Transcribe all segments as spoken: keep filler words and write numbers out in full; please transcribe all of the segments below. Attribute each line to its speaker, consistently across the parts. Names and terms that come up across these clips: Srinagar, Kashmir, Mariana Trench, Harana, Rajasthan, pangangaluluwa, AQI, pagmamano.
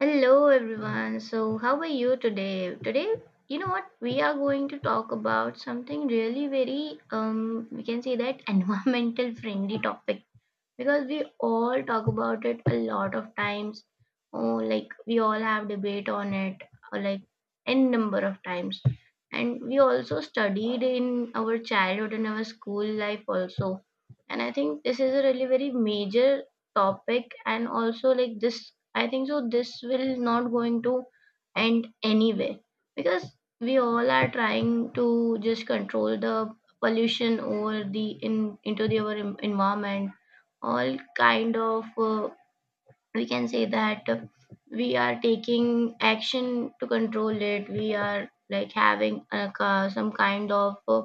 Speaker 1: Hello everyone. So, how are you today? Today, you know what? We are going to talk about something really very um we can say that environmental friendly topic because we all talk about it a lot of times oh like we all have debate on it or like n number of times. And we also studied in our childhood and our school life also. And I think this is a really very major topic and also like this I think so this will not going to end anyway because we all are trying to just control the pollution over the in into the our en- environment. All kind of uh, we can say that uh, we are taking action to control it. We are like having a, ca- some kind of uh,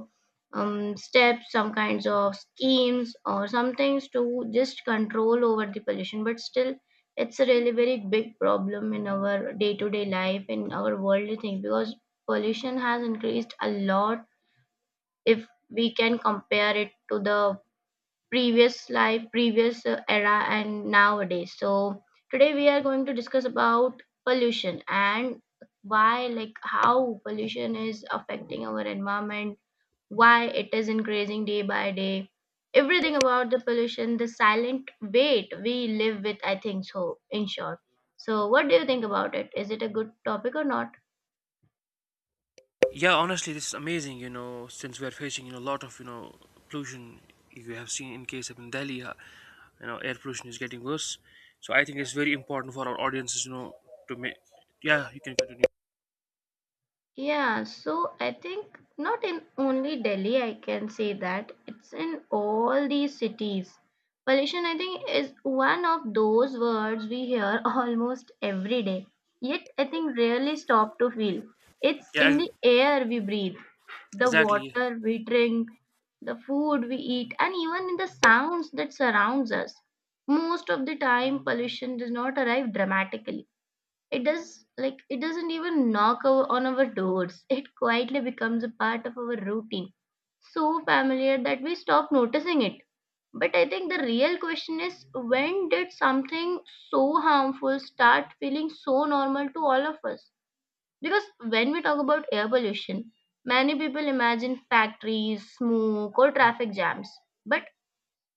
Speaker 1: um, steps, some kinds of schemes or some things to just control over the pollution, but still it's a really very big problem in our day-to-day life, in our worldly thing, because pollution has increased a lot if we can compare it to the previous life, previous uh, era, and nowadays. So today we are going to discuss about pollution and why, like, how pollution is affecting our environment, why it is increasing day by day, everything about the pollution, the silent weight we live with. I think so. In short, so what do you think about it? Is it a good topic or not?
Speaker 2: Yeah, honestly, this is amazing. You know, since we are facing you know a lot of you know pollution, you have seen in case of in Delhi, uh, you know, air pollution is getting worse. So I think it's very important for our audiences, you know, to make. Yeah, you can continue.
Speaker 1: Yeah, so I think not in only Delhi, I can say that it's in all these cities. Pollution, I think, is one of those words we hear almost every day, yet I think rarely stop to feel. It's
Speaker 2: Yeah,
Speaker 1: in the air we breathe, the
Speaker 2: exactly.
Speaker 1: water we drink, the food we eat, and even in the sounds that surrounds us. Most of the time, pollution does not arrive dramatically, it does, like it doesn't even knock our, on our doors. It quietly becomes a part of our routine, so familiar that we stop noticing it. But I think the real question is when did something so harmful start feeling so normal to all of us? Because when we talk about air pollution, many people imagine factories, smoke, or traffic jams. But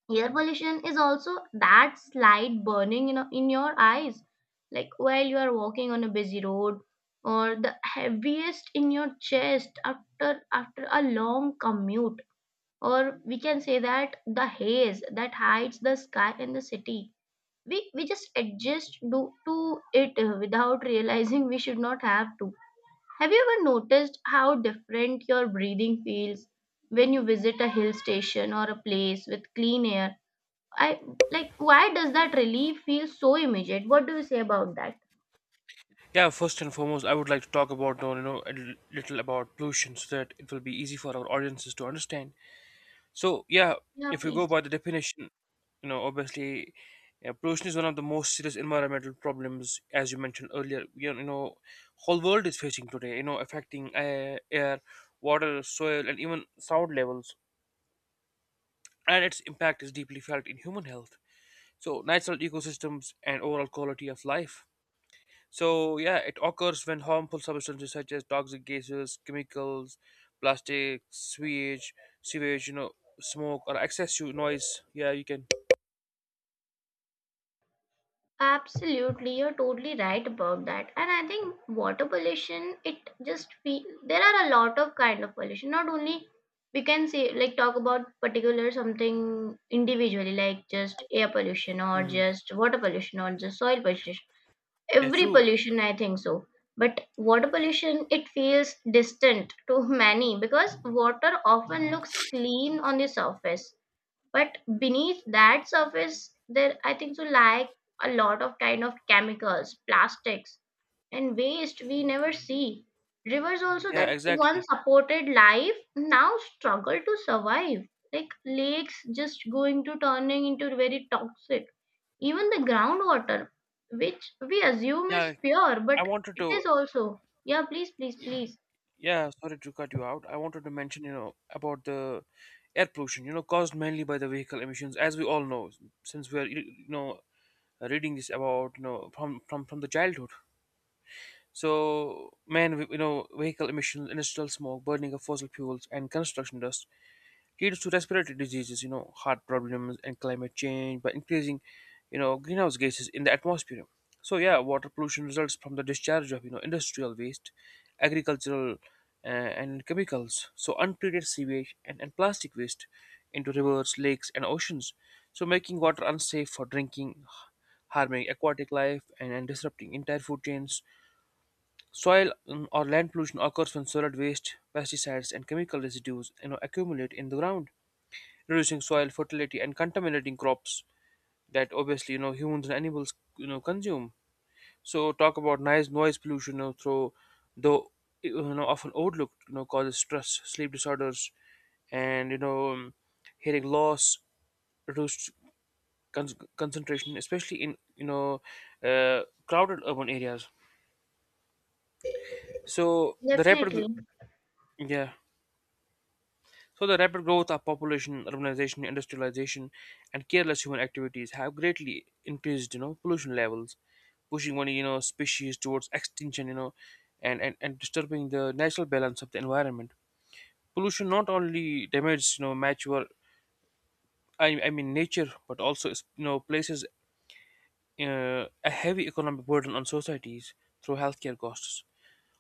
Speaker 1: air pollution is also that slight burning in, in your eyes, like while you are walking on a busy road, or the heaviest in your chest after after a long commute. Or we can say that the haze that hides the sky in the city. We we just adjust do to it uh, without realizing we should not have to. Have you ever noticed how different your breathing feels when you visit a hill station or a place with clean air? I like why does that relief feel so immediate? What do you say about that?
Speaker 2: Yeah, first and foremost, I would like to talk about you know a little about pollution so that it will be easy for our audiences to understand. So yeah,
Speaker 1: Yeah,
Speaker 2: if you go
Speaker 1: please.
Speaker 2: by the definition, you know, obviously, uh, pollution is one of the most serious environmental problems, as you mentioned earlier. You know, you know, whole world is facing today. You know, affecting air, air, water, soil, and even sound levels, and its impact is deeply felt in human health. So natural ecosystems and overall quality of life. So yeah, it occurs when harmful substances such as toxic gases, chemicals, plastic, sewage, sewage, you know, smoke or excessive noise. Yeah, you can.
Speaker 1: Absolutely, you're totally right about that. And I think water pollution, it just feel there are a lot of kind of pollution. Not only we can say like talk about particular something individually, like just air pollution or
Speaker 2: Mhm.
Speaker 1: just water pollution or just soil pollution.
Speaker 2: Yeah,
Speaker 1: Every
Speaker 2: true.
Speaker 1: pollution, I think so. But water pollution, it feels distant to many because water often looks clean on the surface. But beneath that surface, there, I think so, lie a lot of kind of chemicals, plastics, and waste we never see. Rivers also
Speaker 2: Yeah,
Speaker 1: that
Speaker 2: exactly.
Speaker 1: once supported life now struggle to survive. Like lakes just going to turning into very toxic. Even the groundwater, which we assume
Speaker 2: Yeah,
Speaker 1: is pure,
Speaker 2: I
Speaker 1: but
Speaker 2: wanted
Speaker 1: it
Speaker 2: to.
Speaker 1: is also. Yeah, please, please,
Speaker 2: y-
Speaker 1: please.
Speaker 2: Yeah, sorry to cut you out. I wanted to mention, you know, about the air pollution, You know, caused mainly by the vehicle emissions, as we all know, since we are, you know, reading this about, you know, from from from the childhood. So, man, you know, vehicle emissions, industrial smoke, burning of fossil fuels, and construction dust leads to respiratory diseases, you know, heart problems, and climate change by increasing, you know, greenhouse gases in the atmosphere. So yeah, water pollution results from the discharge of, you know, industrial waste, agricultural, uh, and chemicals. So untreated sewage and, and plastic waste into rivers, lakes, and oceans. So making water unsafe for drinking, harming aquatic life and, and disrupting entire food chains. Soil mm, or land pollution occurs when solid waste, pesticides, and chemical residues you know, accumulate in the ground, reducing soil fertility and contaminating crops that obviously you know humans and animals you know consume. So talk about noise noise pollution, you know, through though you know often overlooked, you know causes stress, sleep disorders, and you know um, hearing loss, reduced con- concentration, especially in you know uh, crowded urban areas. So the
Speaker 1: Definitely.
Speaker 2: rapid yeah. So the rapid growth of population, urbanization, industrialization, and careless human activities have greatly increased, you know, pollution levels, pushing one, you know, species towards extinction, you know, and, and, and disturbing the natural balance of the environment. Pollution not only damages, you know, mature, I, I mean, nature, but also, you know, places uh, a heavy economic burden on societies through healthcare costs,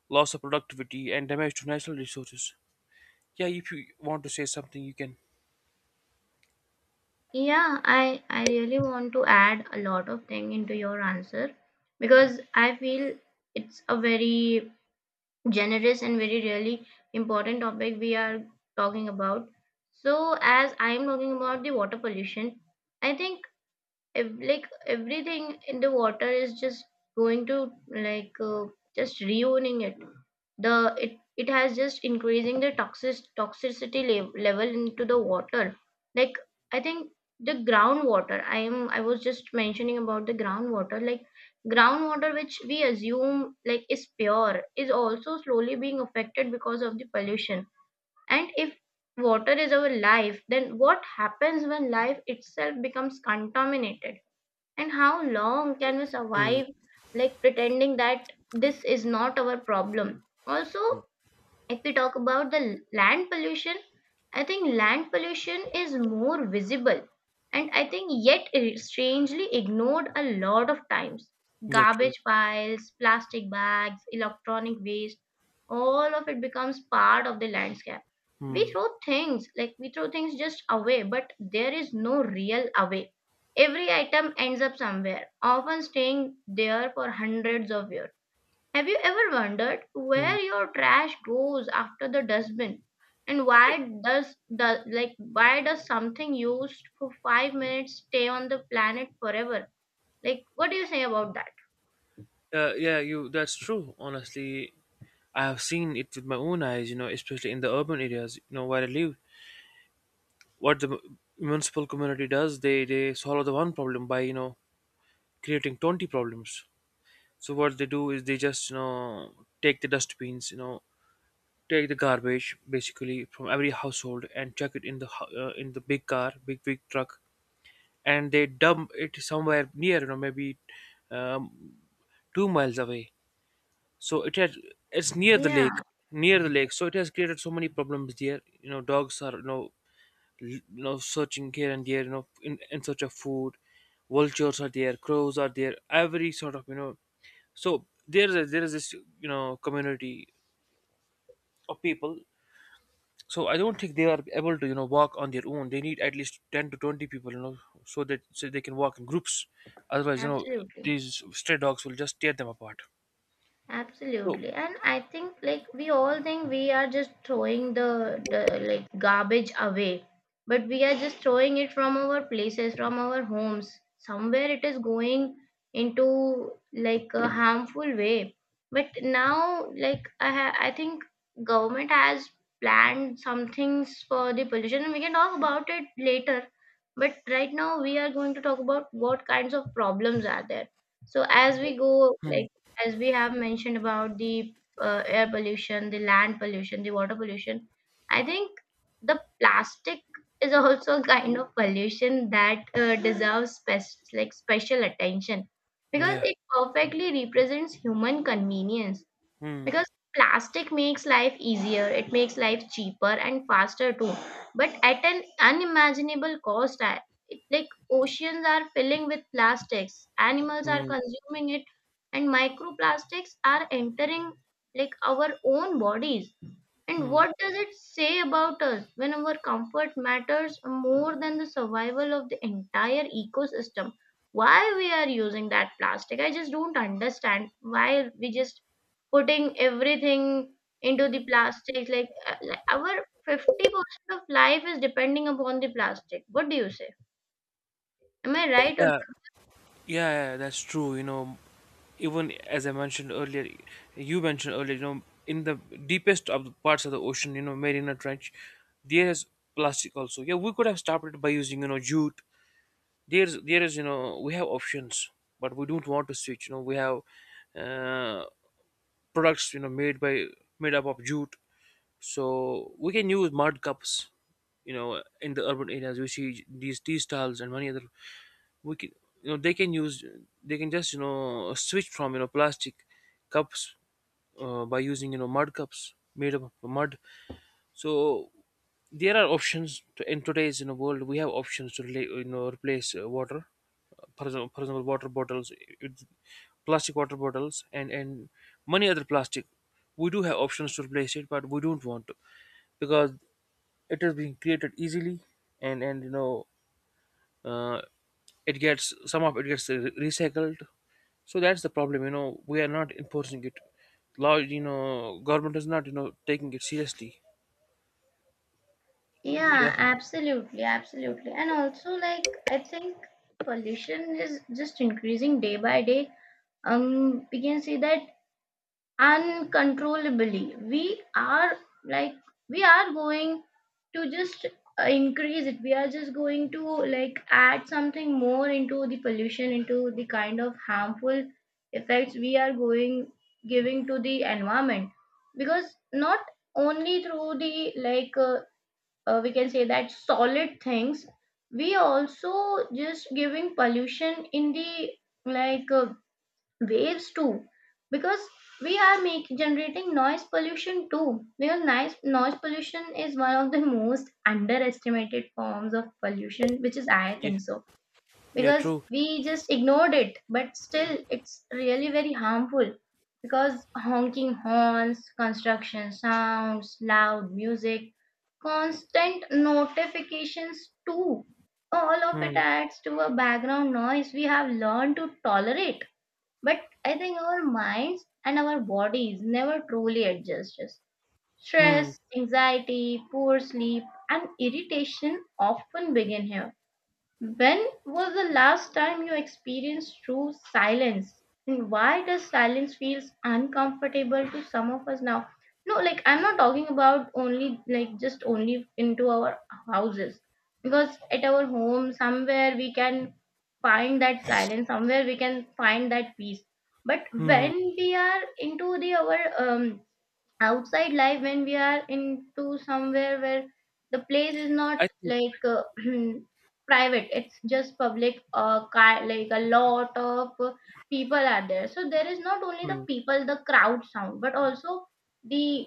Speaker 2: loss of productivity, and damage to natural resources. Yeah, if you want to say something, you can.
Speaker 1: Yeah, I I really want to add a lot of thing into your answer because I feel it's a very generous and very really important topic we are talking about. So as I am talking about the water pollution, I think ev- like everything in the water is just going to like uh, just ruining it, the it it has just increasing the toxic toxicity lev- level into the water, like I think the groundwater, i am i was just mentioning about the groundwater, like groundwater which we assume like is pure is also slowly being affected because of the pollution. And if water is our life, then what happens when life itself becomes contaminated and how long can we
Speaker 2: Mm,
Speaker 1: survive like pretending that this is not our problem? Also,
Speaker 2: mm.
Speaker 1: if we talk about the land pollution, I think land pollution is more visible and I think yet strangely ignored a lot of times.
Speaker 2: Yeah, true.
Speaker 1: Garbage piles, plastic bags, electronic waste, all of it becomes part of the landscape. We
Speaker 2: Hmm.
Speaker 1: throw things, like we throw things just away, but there is no real away. Every item ends up somewhere, often staying there for hundreds of years. Have you ever wondered
Speaker 2: Hmm.
Speaker 1: where your trash goes after the dustbin? And
Speaker 2: It,
Speaker 1: why does the like why does something used for five minutes stay on the planet forever? Like what do you say about that?
Speaker 2: uh, yeah, you. That's true. Honestly, I have seen it with my own eyes, You know, especially in the urban areas, You know where I live. What the mu- municipal community does, they they solve the one problem by you know creating twenty problems. So what they do is they just you know take the dustbins, you know, take the garbage basically from every household and chuck it in the hou- uh, in the big car, big big truck, and they dump it somewhere near. You know, maybe um, two miles away, so it has, it's near the lake
Speaker 1: Yeah,
Speaker 2: near the lake, so it has created so many problems there. you know dogs are, you know l- you know searching here and there, you know in, in search of food. Vultures are there, crows are there, every sort of, you know so there is a, there is this, you know community of people. So I don't think they are able to, you know walk on their own. They need at least ten to twenty people, you know so that so they can walk in groups, otherwise you know
Speaker 1: absolutely.
Speaker 2: these stray dogs will just tear them apart. So
Speaker 1: Absolutely. And I think like we all think we are just throwing the, the like garbage away, but we are just throwing it from our places, from our homes. Somewhere it is going into like a harmful way. But now like I ha- I think government has planned some things for the pollution and we can talk about it later. But right now we are going to talk about what kinds of problems are there. So as we go
Speaker 2: hmm,
Speaker 1: like as we have mentioned about the uh, air pollution, the land pollution, the water pollution, I think the plastic is also a kind of pollution that uh, deserves spe- like special attention because
Speaker 2: yeah
Speaker 1: it perfectly represents human convenience,
Speaker 2: hmm,
Speaker 1: because plastic makes life easier, it makes life cheaper and faster too, but at an unimaginable cost. I- it, like oceans are filling with plastics, animals are
Speaker 2: hmm,
Speaker 1: consuming it, and microplastics are entering like our own bodies. And
Speaker 2: hmm.
Speaker 1: what does it say about us when our comfort matters more than the survival of the entire ecosystem? Why we are using that plastic? I just don't understand why we just putting everything into the plastic. Like, uh, like our fifty percent of life is depending upon the plastic. What do you say? Am I
Speaker 2: Yeah,
Speaker 1: right or
Speaker 2: yeah, yeah, that's true. You know, even as I mentioned earlier, you mentioned earlier, you know, in the deepest of the parts of the ocean, you know, Mariana Trench, there is plastic also. Yeah, we could have stopped it by using, you know, jute. There's, there is, you know, we have options, but we don't want to switch. You know, we have uh, products, you know, made by made up of jute, so we can use mud cups. You know, in the urban areas, we see these tea stalls and many other we can, you know they can use, they can just, you know switch from you know plastic cups uh, by using, you know mud cups made up of mud. So there are options to, in today's, you know world, we have options to rela- you know replace uh, water, for example, for example water bottles, it- plastic water bottles and and many other plastic. We do have options to replace it, but we don't want to, because it is being created easily, and and you know uh, it gets, some of it gets re- recycled. So that's the problem, you know we are not enforcing it. Law, you know government is not, you know taking it seriously. Yeah,
Speaker 1: yeah, absolutely, absolutely. And also, like, I think pollution is just increasing day by day. Um, we can see that uncontrollably. We are like, we are going to just uh, increase it. We are just going to like add something more into the pollution, into the kind of harmful effects we are going giving to the environment. Because not only through the like uh, uh, we can say that solid things, we also just giving pollution in the like uh, waves too, because we are make generating noise pollution too, because noise, noise pollution is one of the most underestimated forms of pollution, which is I
Speaker 2: yeah,
Speaker 1: think so
Speaker 2: yeah,
Speaker 1: because
Speaker 2: true.
Speaker 1: we just ignored it but still it's really very harmful, because honking horns, construction sounds, loud music, constant notifications too, all of it
Speaker 2: Hmm.
Speaker 1: adds to a background noise we have learned to tolerate, but I think our minds and our bodies never truly adjust us.
Speaker 2: Hmm.
Speaker 1: Stress, anxiety, poor sleep and irritation often begin here. When was the last time you experienced true silence? And why does silence feels uncomfortable to some of us now? No, like I'm not talking about only like just only into our houses. Because at our home, somewhere we can find that silence, somewhere we can find that peace. But
Speaker 2: Hmm. Hmm.
Speaker 1: when we are into the our um outside life, when we are into somewhere where the place is not
Speaker 2: I think
Speaker 1: like uh, private, it's just public, uh, car, like a lot of uh, people are there, so there is not only the
Speaker 2: Hmm.
Speaker 1: people, the crowd sound, but also the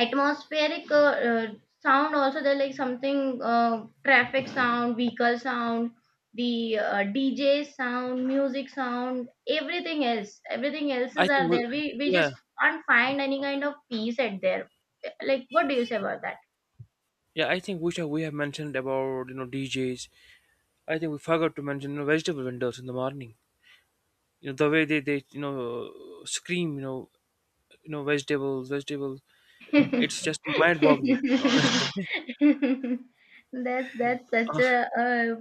Speaker 1: atmospheric uh, uh, sound also there, like something uh, traffic sound, vehicle sound, the uh, D J sound, music sound, everything else. Everything else
Speaker 2: I
Speaker 1: is
Speaker 2: think
Speaker 1: are
Speaker 2: we
Speaker 1: there. We we
Speaker 2: yeah,
Speaker 1: just can't find any kind of peace at there. Like what do you say about that?
Speaker 2: yeah. I think which we have mentioned about, you know DJs. I think we forgot to mention, you know, vegetable vendors in the morning. you know the way they they you know scream, you know you know vegetables, vegetables. It's just mind boggling honestly.
Speaker 1: that's that's such a
Speaker 2: Ah.
Speaker 1: uh,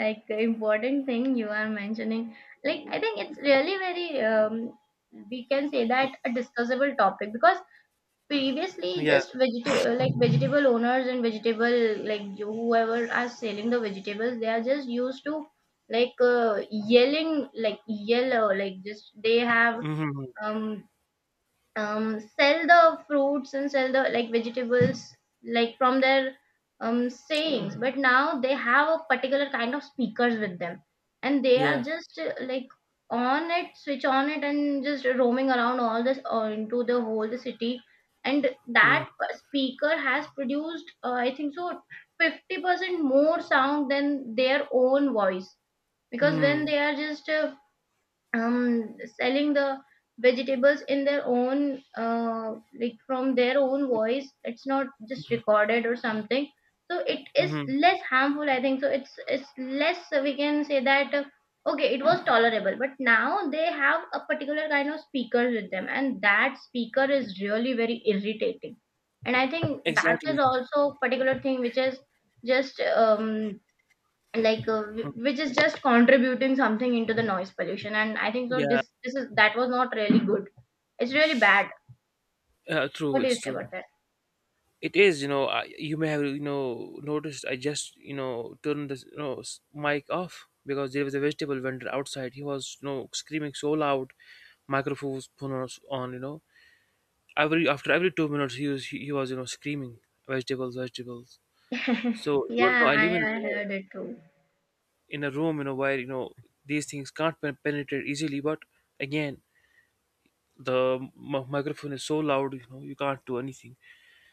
Speaker 1: like important thing you are mentioning. Like I think it's really very um, we can say that a discussable topic because previously
Speaker 2: Yeah.
Speaker 1: just vegetable like vegetable owners and vegetable like whoever are selling the vegetables they are just used to like uh, yelling, like yellow like just they have
Speaker 2: Hmm.
Speaker 1: um um, sell the fruits and sell the like vegetables like from their um, sayings. But now they have a particular kind of speakers with them and they are
Speaker 2: Yeah,
Speaker 1: just uh, like on it, switch on it and just roaming around all this or into the whole the city, and
Speaker 2: yeah.
Speaker 1: that speaker has produced uh, I think so fifty percent more sound than their own voice, because when
Speaker 2: Mm.
Speaker 1: they are just uh, um selling the vegetables in their own uh like from their own voice it's not just recorded or something. So it is
Speaker 2: Mm-hmm. Hmm.
Speaker 1: less harmful, I think so it's it's less uh, we can say that, uh, okay, it was tolerable. But now they have a particular kind of speaker with them and that speaker is really very irritating, and I think that
Speaker 2: Exactly.
Speaker 1: is also a particular thing which is just um like uh, wh- which is just contributing something into the noise pollution. And I think so
Speaker 2: Yeah,
Speaker 1: this this is that was not really good, it's really bad.
Speaker 2: uh, true.
Speaker 1: What do you
Speaker 2: It's
Speaker 1: say
Speaker 2: true.
Speaker 1: about that?
Speaker 2: It is. You know, I, you may have, you know noticed. I just, you know turned the, you know s- mic off, because there was a vegetable vendor outside. He was, you know screaming so loud, microphones was on. You know, every after every two minutes he was he, he was, you know screaming vegetables, vegetables. So even though
Speaker 1: Yeah,
Speaker 2: I
Speaker 1: i,
Speaker 2: live in
Speaker 1: I
Speaker 2: a-,
Speaker 1: heard it too.
Speaker 2: in a room, you know where, you know these things can't pen- penetrate easily, but again the m- microphone is so loud, you know you can't do anything.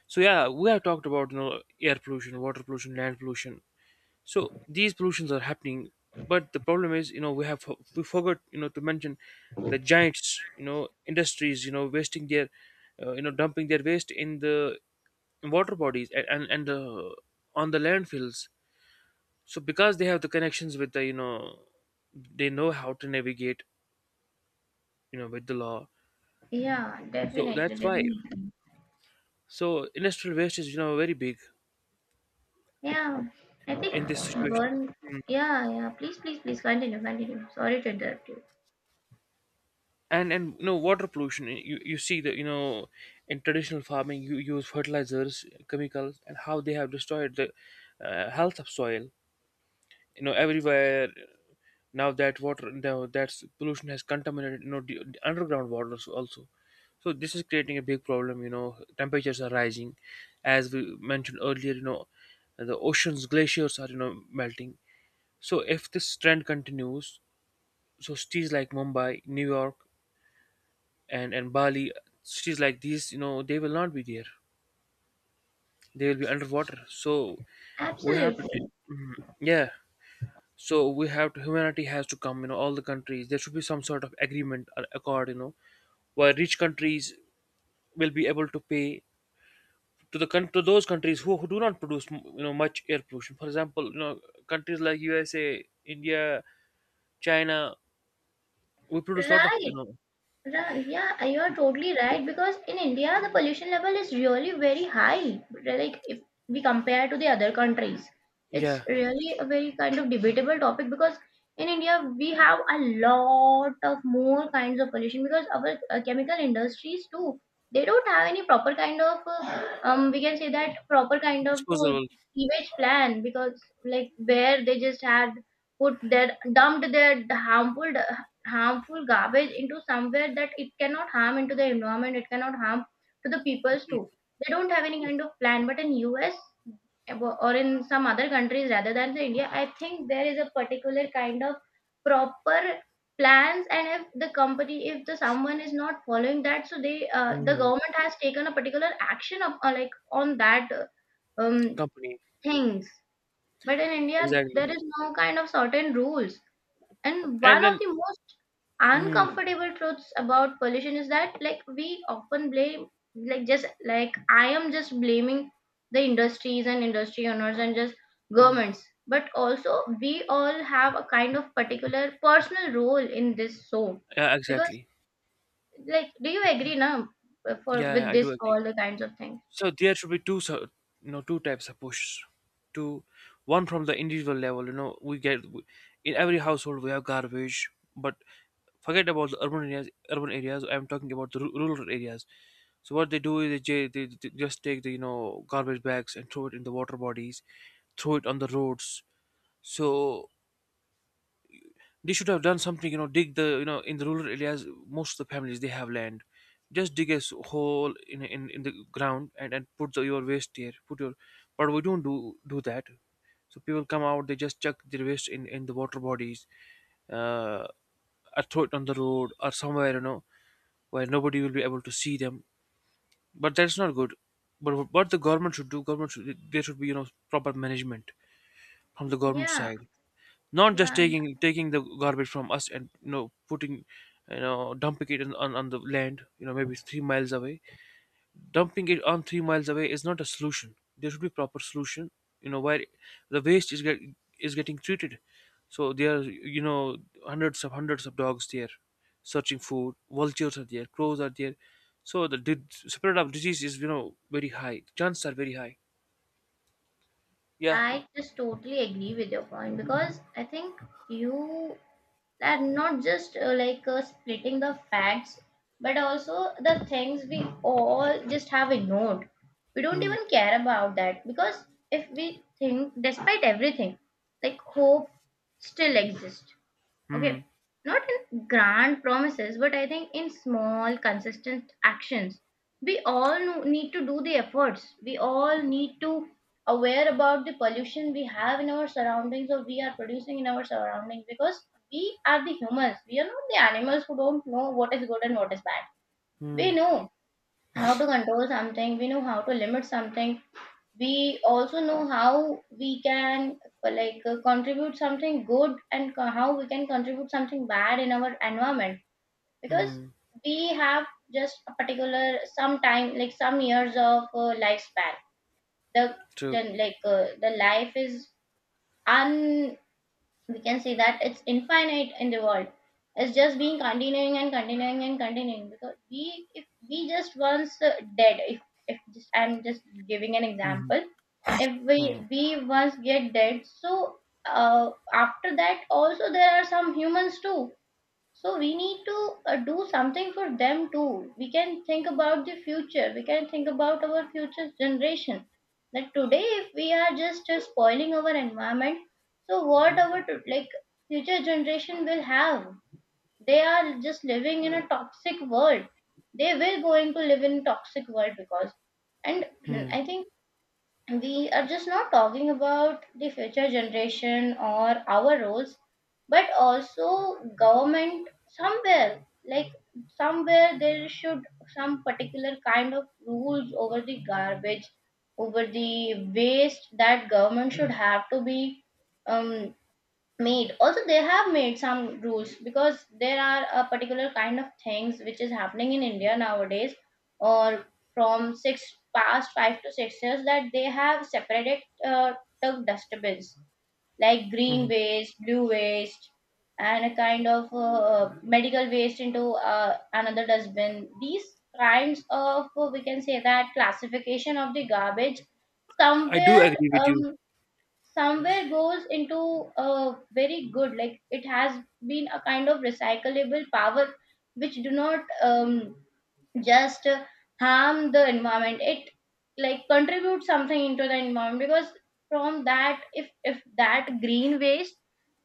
Speaker 2: So yeah, we have talked about, you know air pollution, water pollution, land pollution. So these pollutions are happening, but the problem is, you know we have, we forgot, you know to mention the giants, you know industries, you know wasting their uh, you know dumping their waste in the water bodies and and, and the, on the landfills, so because they have the connections with the, you know they know how to navigate, you know with the law.
Speaker 1: Yeah,
Speaker 2: So
Speaker 1: definitely,
Speaker 2: that's why.
Speaker 1: definitely.
Speaker 2: So industrial waste is, you know very big
Speaker 1: Yeah, I think
Speaker 2: in this situation.
Speaker 1: one.
Speaker 2: Mm.
Speaker 1: Yeah, yeah, please, please, please, continue, continue, sorry to interrupt you.
Speaker 2: And and you know water pollution. eh, You you see that, you know in traditional farming you use fertilizers, chemicals, and how they have destroyed the uh, health of soil. You know everywhere, now that water, now that pollution has contaminated, you know the, the underground waters also. So this is creating a big problem. You know temperatures are rising, as we mentioned earlier. You know the oceans, glaciers are, you know melting. So if this trend continues, so cities like Mumbai, New York, and and Bali, cities like these, you know they will not be there, they will be underwater. So we have to t-
Speaker 1: Absolutely
Speaker 2: Mhm. Yeah. So we have to, humanity has to come, you know all the countries, there should be some sort of agreement or accord, you know where rich countries will be able to pay to the coun-, to those countries who, who do not produce m- you know much air pollution, for example, you know countries like USA, India, China, we produce a lot of, you
Speaker 1: right.
Speaker 2: know
Speaker 1: Ra- Yeah, you are totally right because in India the pollution level is really very high. Like if we compare to the other countries, it's
Speaker 2: yeah.
Speaker 1: really a very kind of debatable topic, because in India we have a lot of more kinds of pollution because our uh, chemical industries too, they don't have any proper kind of uh, um we can say that proper kind of uh,
Speaker 2: Disposable.
Speaker 1: sewage plan. Because like where they just had put their, dumped their harmful, harmful garbage into somewhere that it cannot harm into the environment, it cannot harm to the peoples too. They don't have any kind of plan. But in US or in some other countries rather than the India, I think there is a particular kind of proper plans, and if the company, if the someone is not following that, so they uh, the
Speaker 2: Mm.
Speaker 1: government has taken a particular action of, uh, like on that uh, um
Speaker 2: Companies.
Speaker 1: things. But in India
Speaker 2: Exactly.
Speaker 1: there is no kind of certain rules. And
Speaker 2: And
Speaker 1: one of
Speaker 2: then,
Speaker 1: the most
Speaker 2: mm,
Speaker 1: uncomfortable truths about pollution is that, like, we often blame, like, just like I am just blaming the industries and industry owners and just
Speaker 2: mm,
Speaker 1: governments, but also we all have a kind of particular personal role in this. So,
Speaker 2: yeah,
Speaker 1: because,
Speaker 2: exactly.
Speaker 1: like, do you agree now for
Speaker 2: Yeah, yeah,
Speaker 1: with
Speaker 2: I do
Speaker 1: this
Speaker 2: agree.
Speaker 1: all the kinds of things?
Speaker 2: So there should be two, so, you know, two types of push. Two, one from the individual level. You know, we get, in every household we have garbage, but forget about the urban areas. Urban areas, I'm talking about the ru- rural areas. So what they do is, they, ju- they, they just take the, you know garbage bags and throw it in the water bodies, throw it on the roads. So they should have done something. you know, dig the, you know, in the rural areas, most of the families, they have land. Just dig a s- hole in, in, in the ground, and, and put the, your waste there. Put your, but we don't do, do that. So people come out, they just chuck their waste in, in the water bodies, uh, or throw it on the road or somewhere, you know, where nobody will be able to see them. But that's not good. But what the government should do, government should, there should be, you know, proper management from the government
Speaker 1: Yeah,
Speaker 2: side, not just
Speaker 1: yeah.
Speaker 2: taking taking the garbage from us and you know putting, you know dumping it in, on, on the land, you know maybe three miles away. Dumping it on three miles away is not a solution. There should be proper solution, you know where the waste is get, is getting treated. So there are, you know hundreds of hundreds of dogs there searching food. Vultures are there, crows are there. So the di- spread of disease is, you know very high. Chances are very high. Yeah.
Speaker 1: I just totally agree with your point, because I think you are not just uh, like uh, splitting the facts, but also the things we all just have ignored. We don't
Speaker 2: Hmm.
Speaker 1: even care about that, because if we think, despite everything, like, hope still exists. Okay,
Speaker 2: Hmm.
Speaker 1: not in grand promises, but I think in small, consistent actions. We all no- need to do the efforts. We all need to aware about the pollution we have in our surroundings or we are producing in our surroundings, because we are the humans. We are not the animals who don't know what is good and what is bad.
Speaker 2: Hmm.
Speaker 1: We know how to control something. We know how to limit something. We also know how we can uh, like uh, contribute something good and co- how we can contribute something bad in our environment. Because
Speaker 2: Hmm.
Speaker 1: we have just a particular some time like some years of uh, lifespan. The
Speaker 2: True.
Speaker 1: gen- like uh, the life is, we can see that it's infinite in the world. It's just being continuing and continuing and continuing, because we, if we just once uh, dead, if if just I'm just giving an
Speaker 2: Hmm.
Speaker 1: example, if we,
Speaker 2: Hmm.
Speaker 1: we once get dead, so uh, after that also there are some humans too. So we need to uh, do something for them too. We can think about the future. We can think about our future generation. That today, if we are just uh, spoiling our environment, so what our t- like future generation will have? They are just living in a toxic world. They will going to live in toxic world because, and
Speaker 2: Hmm.
Speaker 1: I think we are just not talking about the future generation or our roles, but also government somewhere, like somewhere there should some particular kind of rules over the garbage, over the waste, that government should have to be um, made. Also they have made some rules, because there are a particular kind of things which is happening in India nowadays, or from six, past five to six years, that they have separated uh, the dustbins, like green
Speaker 2: Mhm.
Speaker 1: waste, blue waste, and a kind of uh, medical waste into uh, another dustbin. These kinds of uh, we can say that classification of the garbage
Speaker 2: I do
Speaker 1: somewhere
Speaker 2: agree with
Speaker 1: um,
Speaker 2: you.
Speaker 1: somewhere goes into a very good, like, it has been a kind of recyclable power which do not um, just uh, harm the environment, it like contributes something into the environment. Because from that, if if that green waste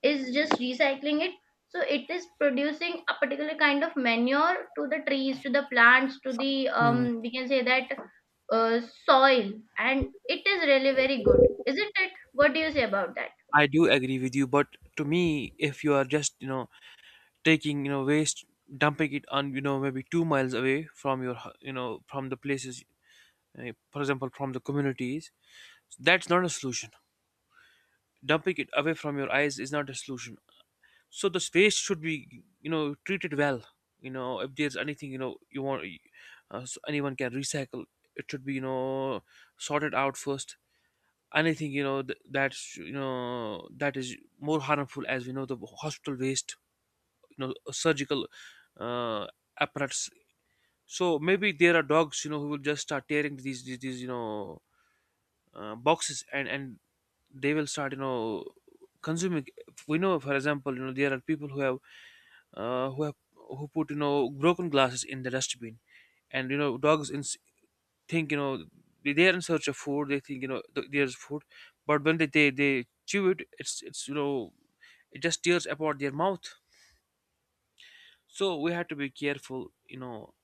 Speaker 1: is just recycling it, so it is producing a particular kind of manure to the trees, to the plants, to the,
Speaker 2: Mhm.
Speaker 1: um we can say that uh, soil. And it is really very good, isn't it? What do you say about that?
Speaker 2: I do agree with you, but to me, if you are just, you know taking, you know waste, dumping it on, you know maybe two miles away from your, hu- you know from the places, uh, for example, from the communities, that's not a solution. Dumping it away from your eyes is not a solution. So the space should be, you know treated well. You know if there's anything you know you want, uh, s anyone can recycle. It should be, you know sorted out first. Anything, you know th- that's you know that is more harmful, as we know, the hospital waste, you know surgical, uh, apparatus. So maybe there are dogs, you know who will just start tearing these these, these, you know uh, boxes, and and they will start, you know consuming. We know, for example, you know there are people who have, uh, who have who put, you know broken glasses in the dustbin. And, you know dogs in, think, you know they- they're in search of food. They think, you know th- there's food. But when they, they they chew it, it's it's you know it just tears apart their mouth. So we have to be careful, you know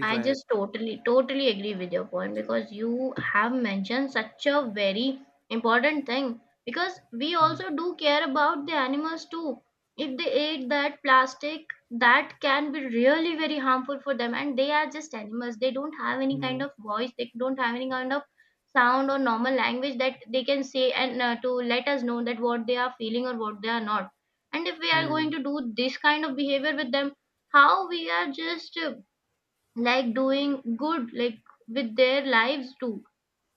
Speaker 1: I just totally, totally agree with your point because you have mentioned such a very important thing, because we
Speaker 2: Mhm.
Speaker 1: also do care about the animals too. If they ate that plastic, that can be really very harmful for them, and they are just animals. They don't have any kind
Speaker 2: Mhm.
Speaker 1: of voice, they don't have any kind of sound or normal language that they can say and uh, to let us know that what they are feeling or what they are not. And if we are going
Speaker 2: Hmm.
Speaker 1: to do this kind of behavior with them, how we are just uh, like doing good, like, with their lives too.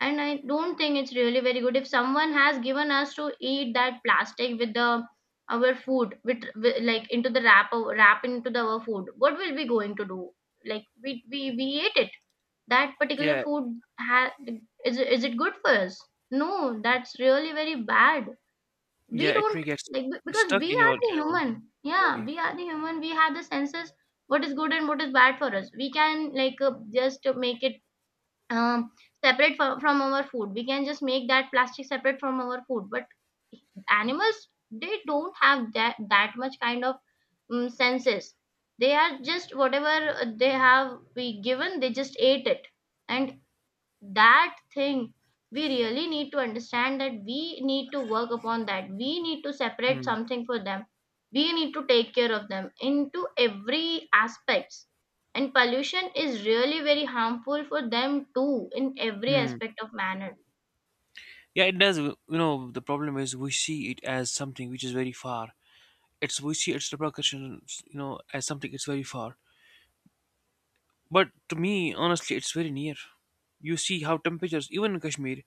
Speaker 1: And I don't think it's really very good if someone has given us to eat that plastic with the our food, with, with like into the wrap wrap into the, our food, what will we going to do? Like we we, we ate it, that particular
Speaker 2: Yeah.
Speaker 1: food ha- is, it- is it good for us? No, that's really very bad.
Speaker 2: Yeah,
Speaker 1: We
Speaker 2: it may
Speaker 1: don't,
Speaker 2: get
Speaker 1: like, be- because
Speaker 2: stuck
Speaker 1: we
Speaker 2: in your,
Speaker 1: are the
Speaker 2: in your
Speaker 1: human, yeah,
Speaker 2: body.
Speaker 1: we are the human, we have the senses what is good and what is bad for us. We can like uh, just uh, make it um separate for, from our food, we can just make that plastic separate from our food. But animals, they don't have that that much kind of um, senses. They are just whatever uh, they have we given, they just ate it. And that thing, we really need to understand, that we need to work upon that, we need to separate
Speaker 2: Hmm.
Speaker 1: something for them. We need to take care of them into every aspects. And pollution is really very harmful for them too in every
Speaker 2: Hmm.
Speaker 1: aspect of manner.
Speaker 2: Yeah, it does. You know the problem is we see it as something which is very far. It's we see its repercussions, you know as something, it's very far. But to me, honestly, it's very near. You see how temperatures, even in Kashmir,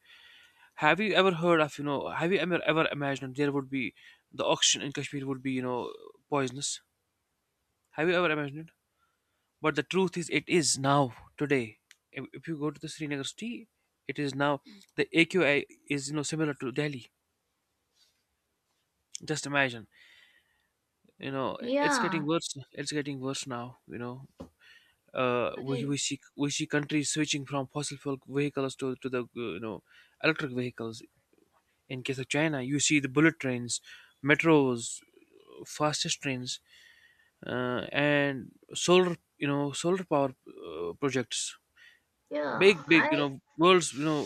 Speaker 2: have you ever heard of, you know, have you ever, ever imagined there would be, the oxygen in Kashmir would be, you know, poisonous? Have you ever imagined it? But the truth is, it is now, today. If, if you go to the Srinagar city, it is now, the A Q I is, you know, similar to Delhi. Just imagine, you know, it's
Speaker 1: yeah
Speaker 2: getting worse. It's getting worse now, you know. uh, we,
Speaker 1: i
Speaker 2: we see we see countries switching from fossil fuel vehicles to, to the, uh, you know electric vehicles. In case of China, you see the bullet trains, metros, fastest trains, uh, and solar, you know solar power, uh, projects.
Speaker 1: yeah
Speaker 2: Big big, you
Speaker 1: i
Speaker 2: know world's you know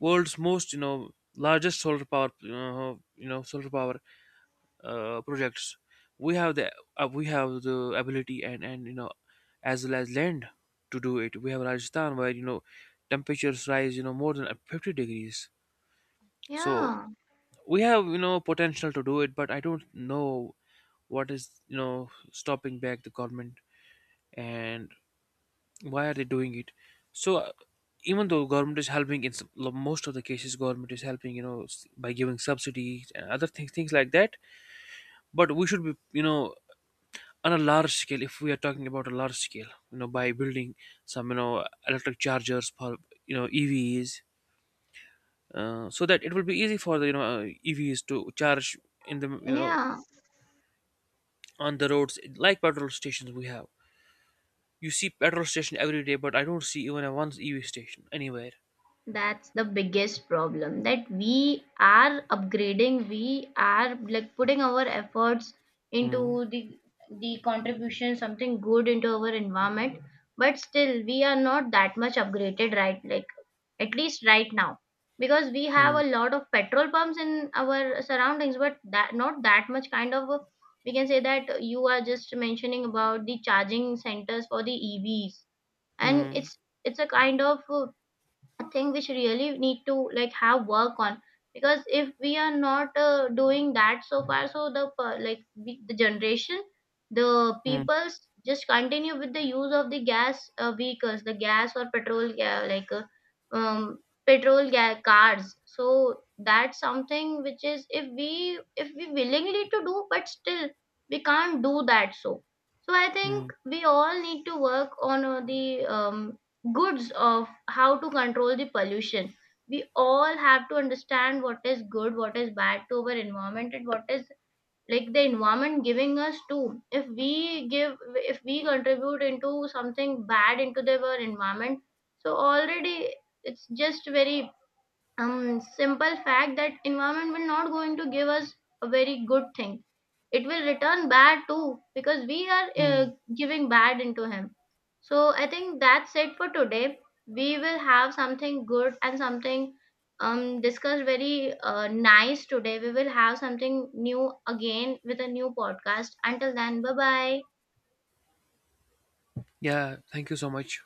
Speaker 2: world's most, you know largest solar power, you know, you know solar power, uh, projects. We have the, uh, we have the ability and and, you know as well as land to do it. We have Rajasthan, where, you know temperatures rise, you know more than fifty degrees. So
Speaker 1: Yeah,
Speaker 2: we have, you know potential to do it, but I don't know what is, you know stopping back the government, and why are they doing it. So uh, even though government is helping in, some- lo- most of the cases, government is helping, you know s- by giving subsidies and other things things like that. But we should be, you know on a large scale. If we are talking about a large scale, you know by building some, you know electric chargers for, you know E Vs, uh, so that it will be easy for the, you know uh, E Vs to charge in the you know
Speaker 1: yeah.
Speaker 2: on the roads, like petrol stations we have. You see petrol station every day, but I don't see even a one E V station anywhere.
Speaker 1: That's the biggest problem that we are upgrading, we are like putting our efforts
Speaker 2: Hmm.
Speaker 1: into the the contribution, something good into our environment, but still we are not that much upgraded right, like, at least right now. Because we have
Speaker 2: Hmm.
Speaker 1: a lot of petrol pumps in our surroundings, but that not that much kind of a- we can say that, you are just mentioning about the charging centers for the E Vs. And
Speaker 2: Hmm.
Speaker 1: it's it's a kind of uh, a thing which really need to like have work on, because if we are not uh, doing that so far, so the per- like we, the generation, the
Speaker 2: Hmm.
Speaker 1: peoples just continue with the use of the gas uh, vehicles, the gas or petrol ga- like uh, um, petrol ga- cars. So that's something which is, if we, if we willingly to do, but still we can't do that. So, so I think
Speaker 2: Hmm.
Speaker 1: we all need to work on uh, the um, goods of how to control the pollution. We all have to understand what is good, what is bad to our environment, and what is like the environment giving us too. If we give, if we contribute into something bad into the our environment, so already, it's just very um simple fact that environment will not going to give us a very good thing. It will return bad too, because we are uh,
Speaker 2: Hmm.
Speaker 1: giving bad into him. So I think that's it for today. We will have something good and something um discussed very uh, nice today. We will have something new again with a new podcast. Until then, bye bye.
Speaker 2: Yeah, thank you so much.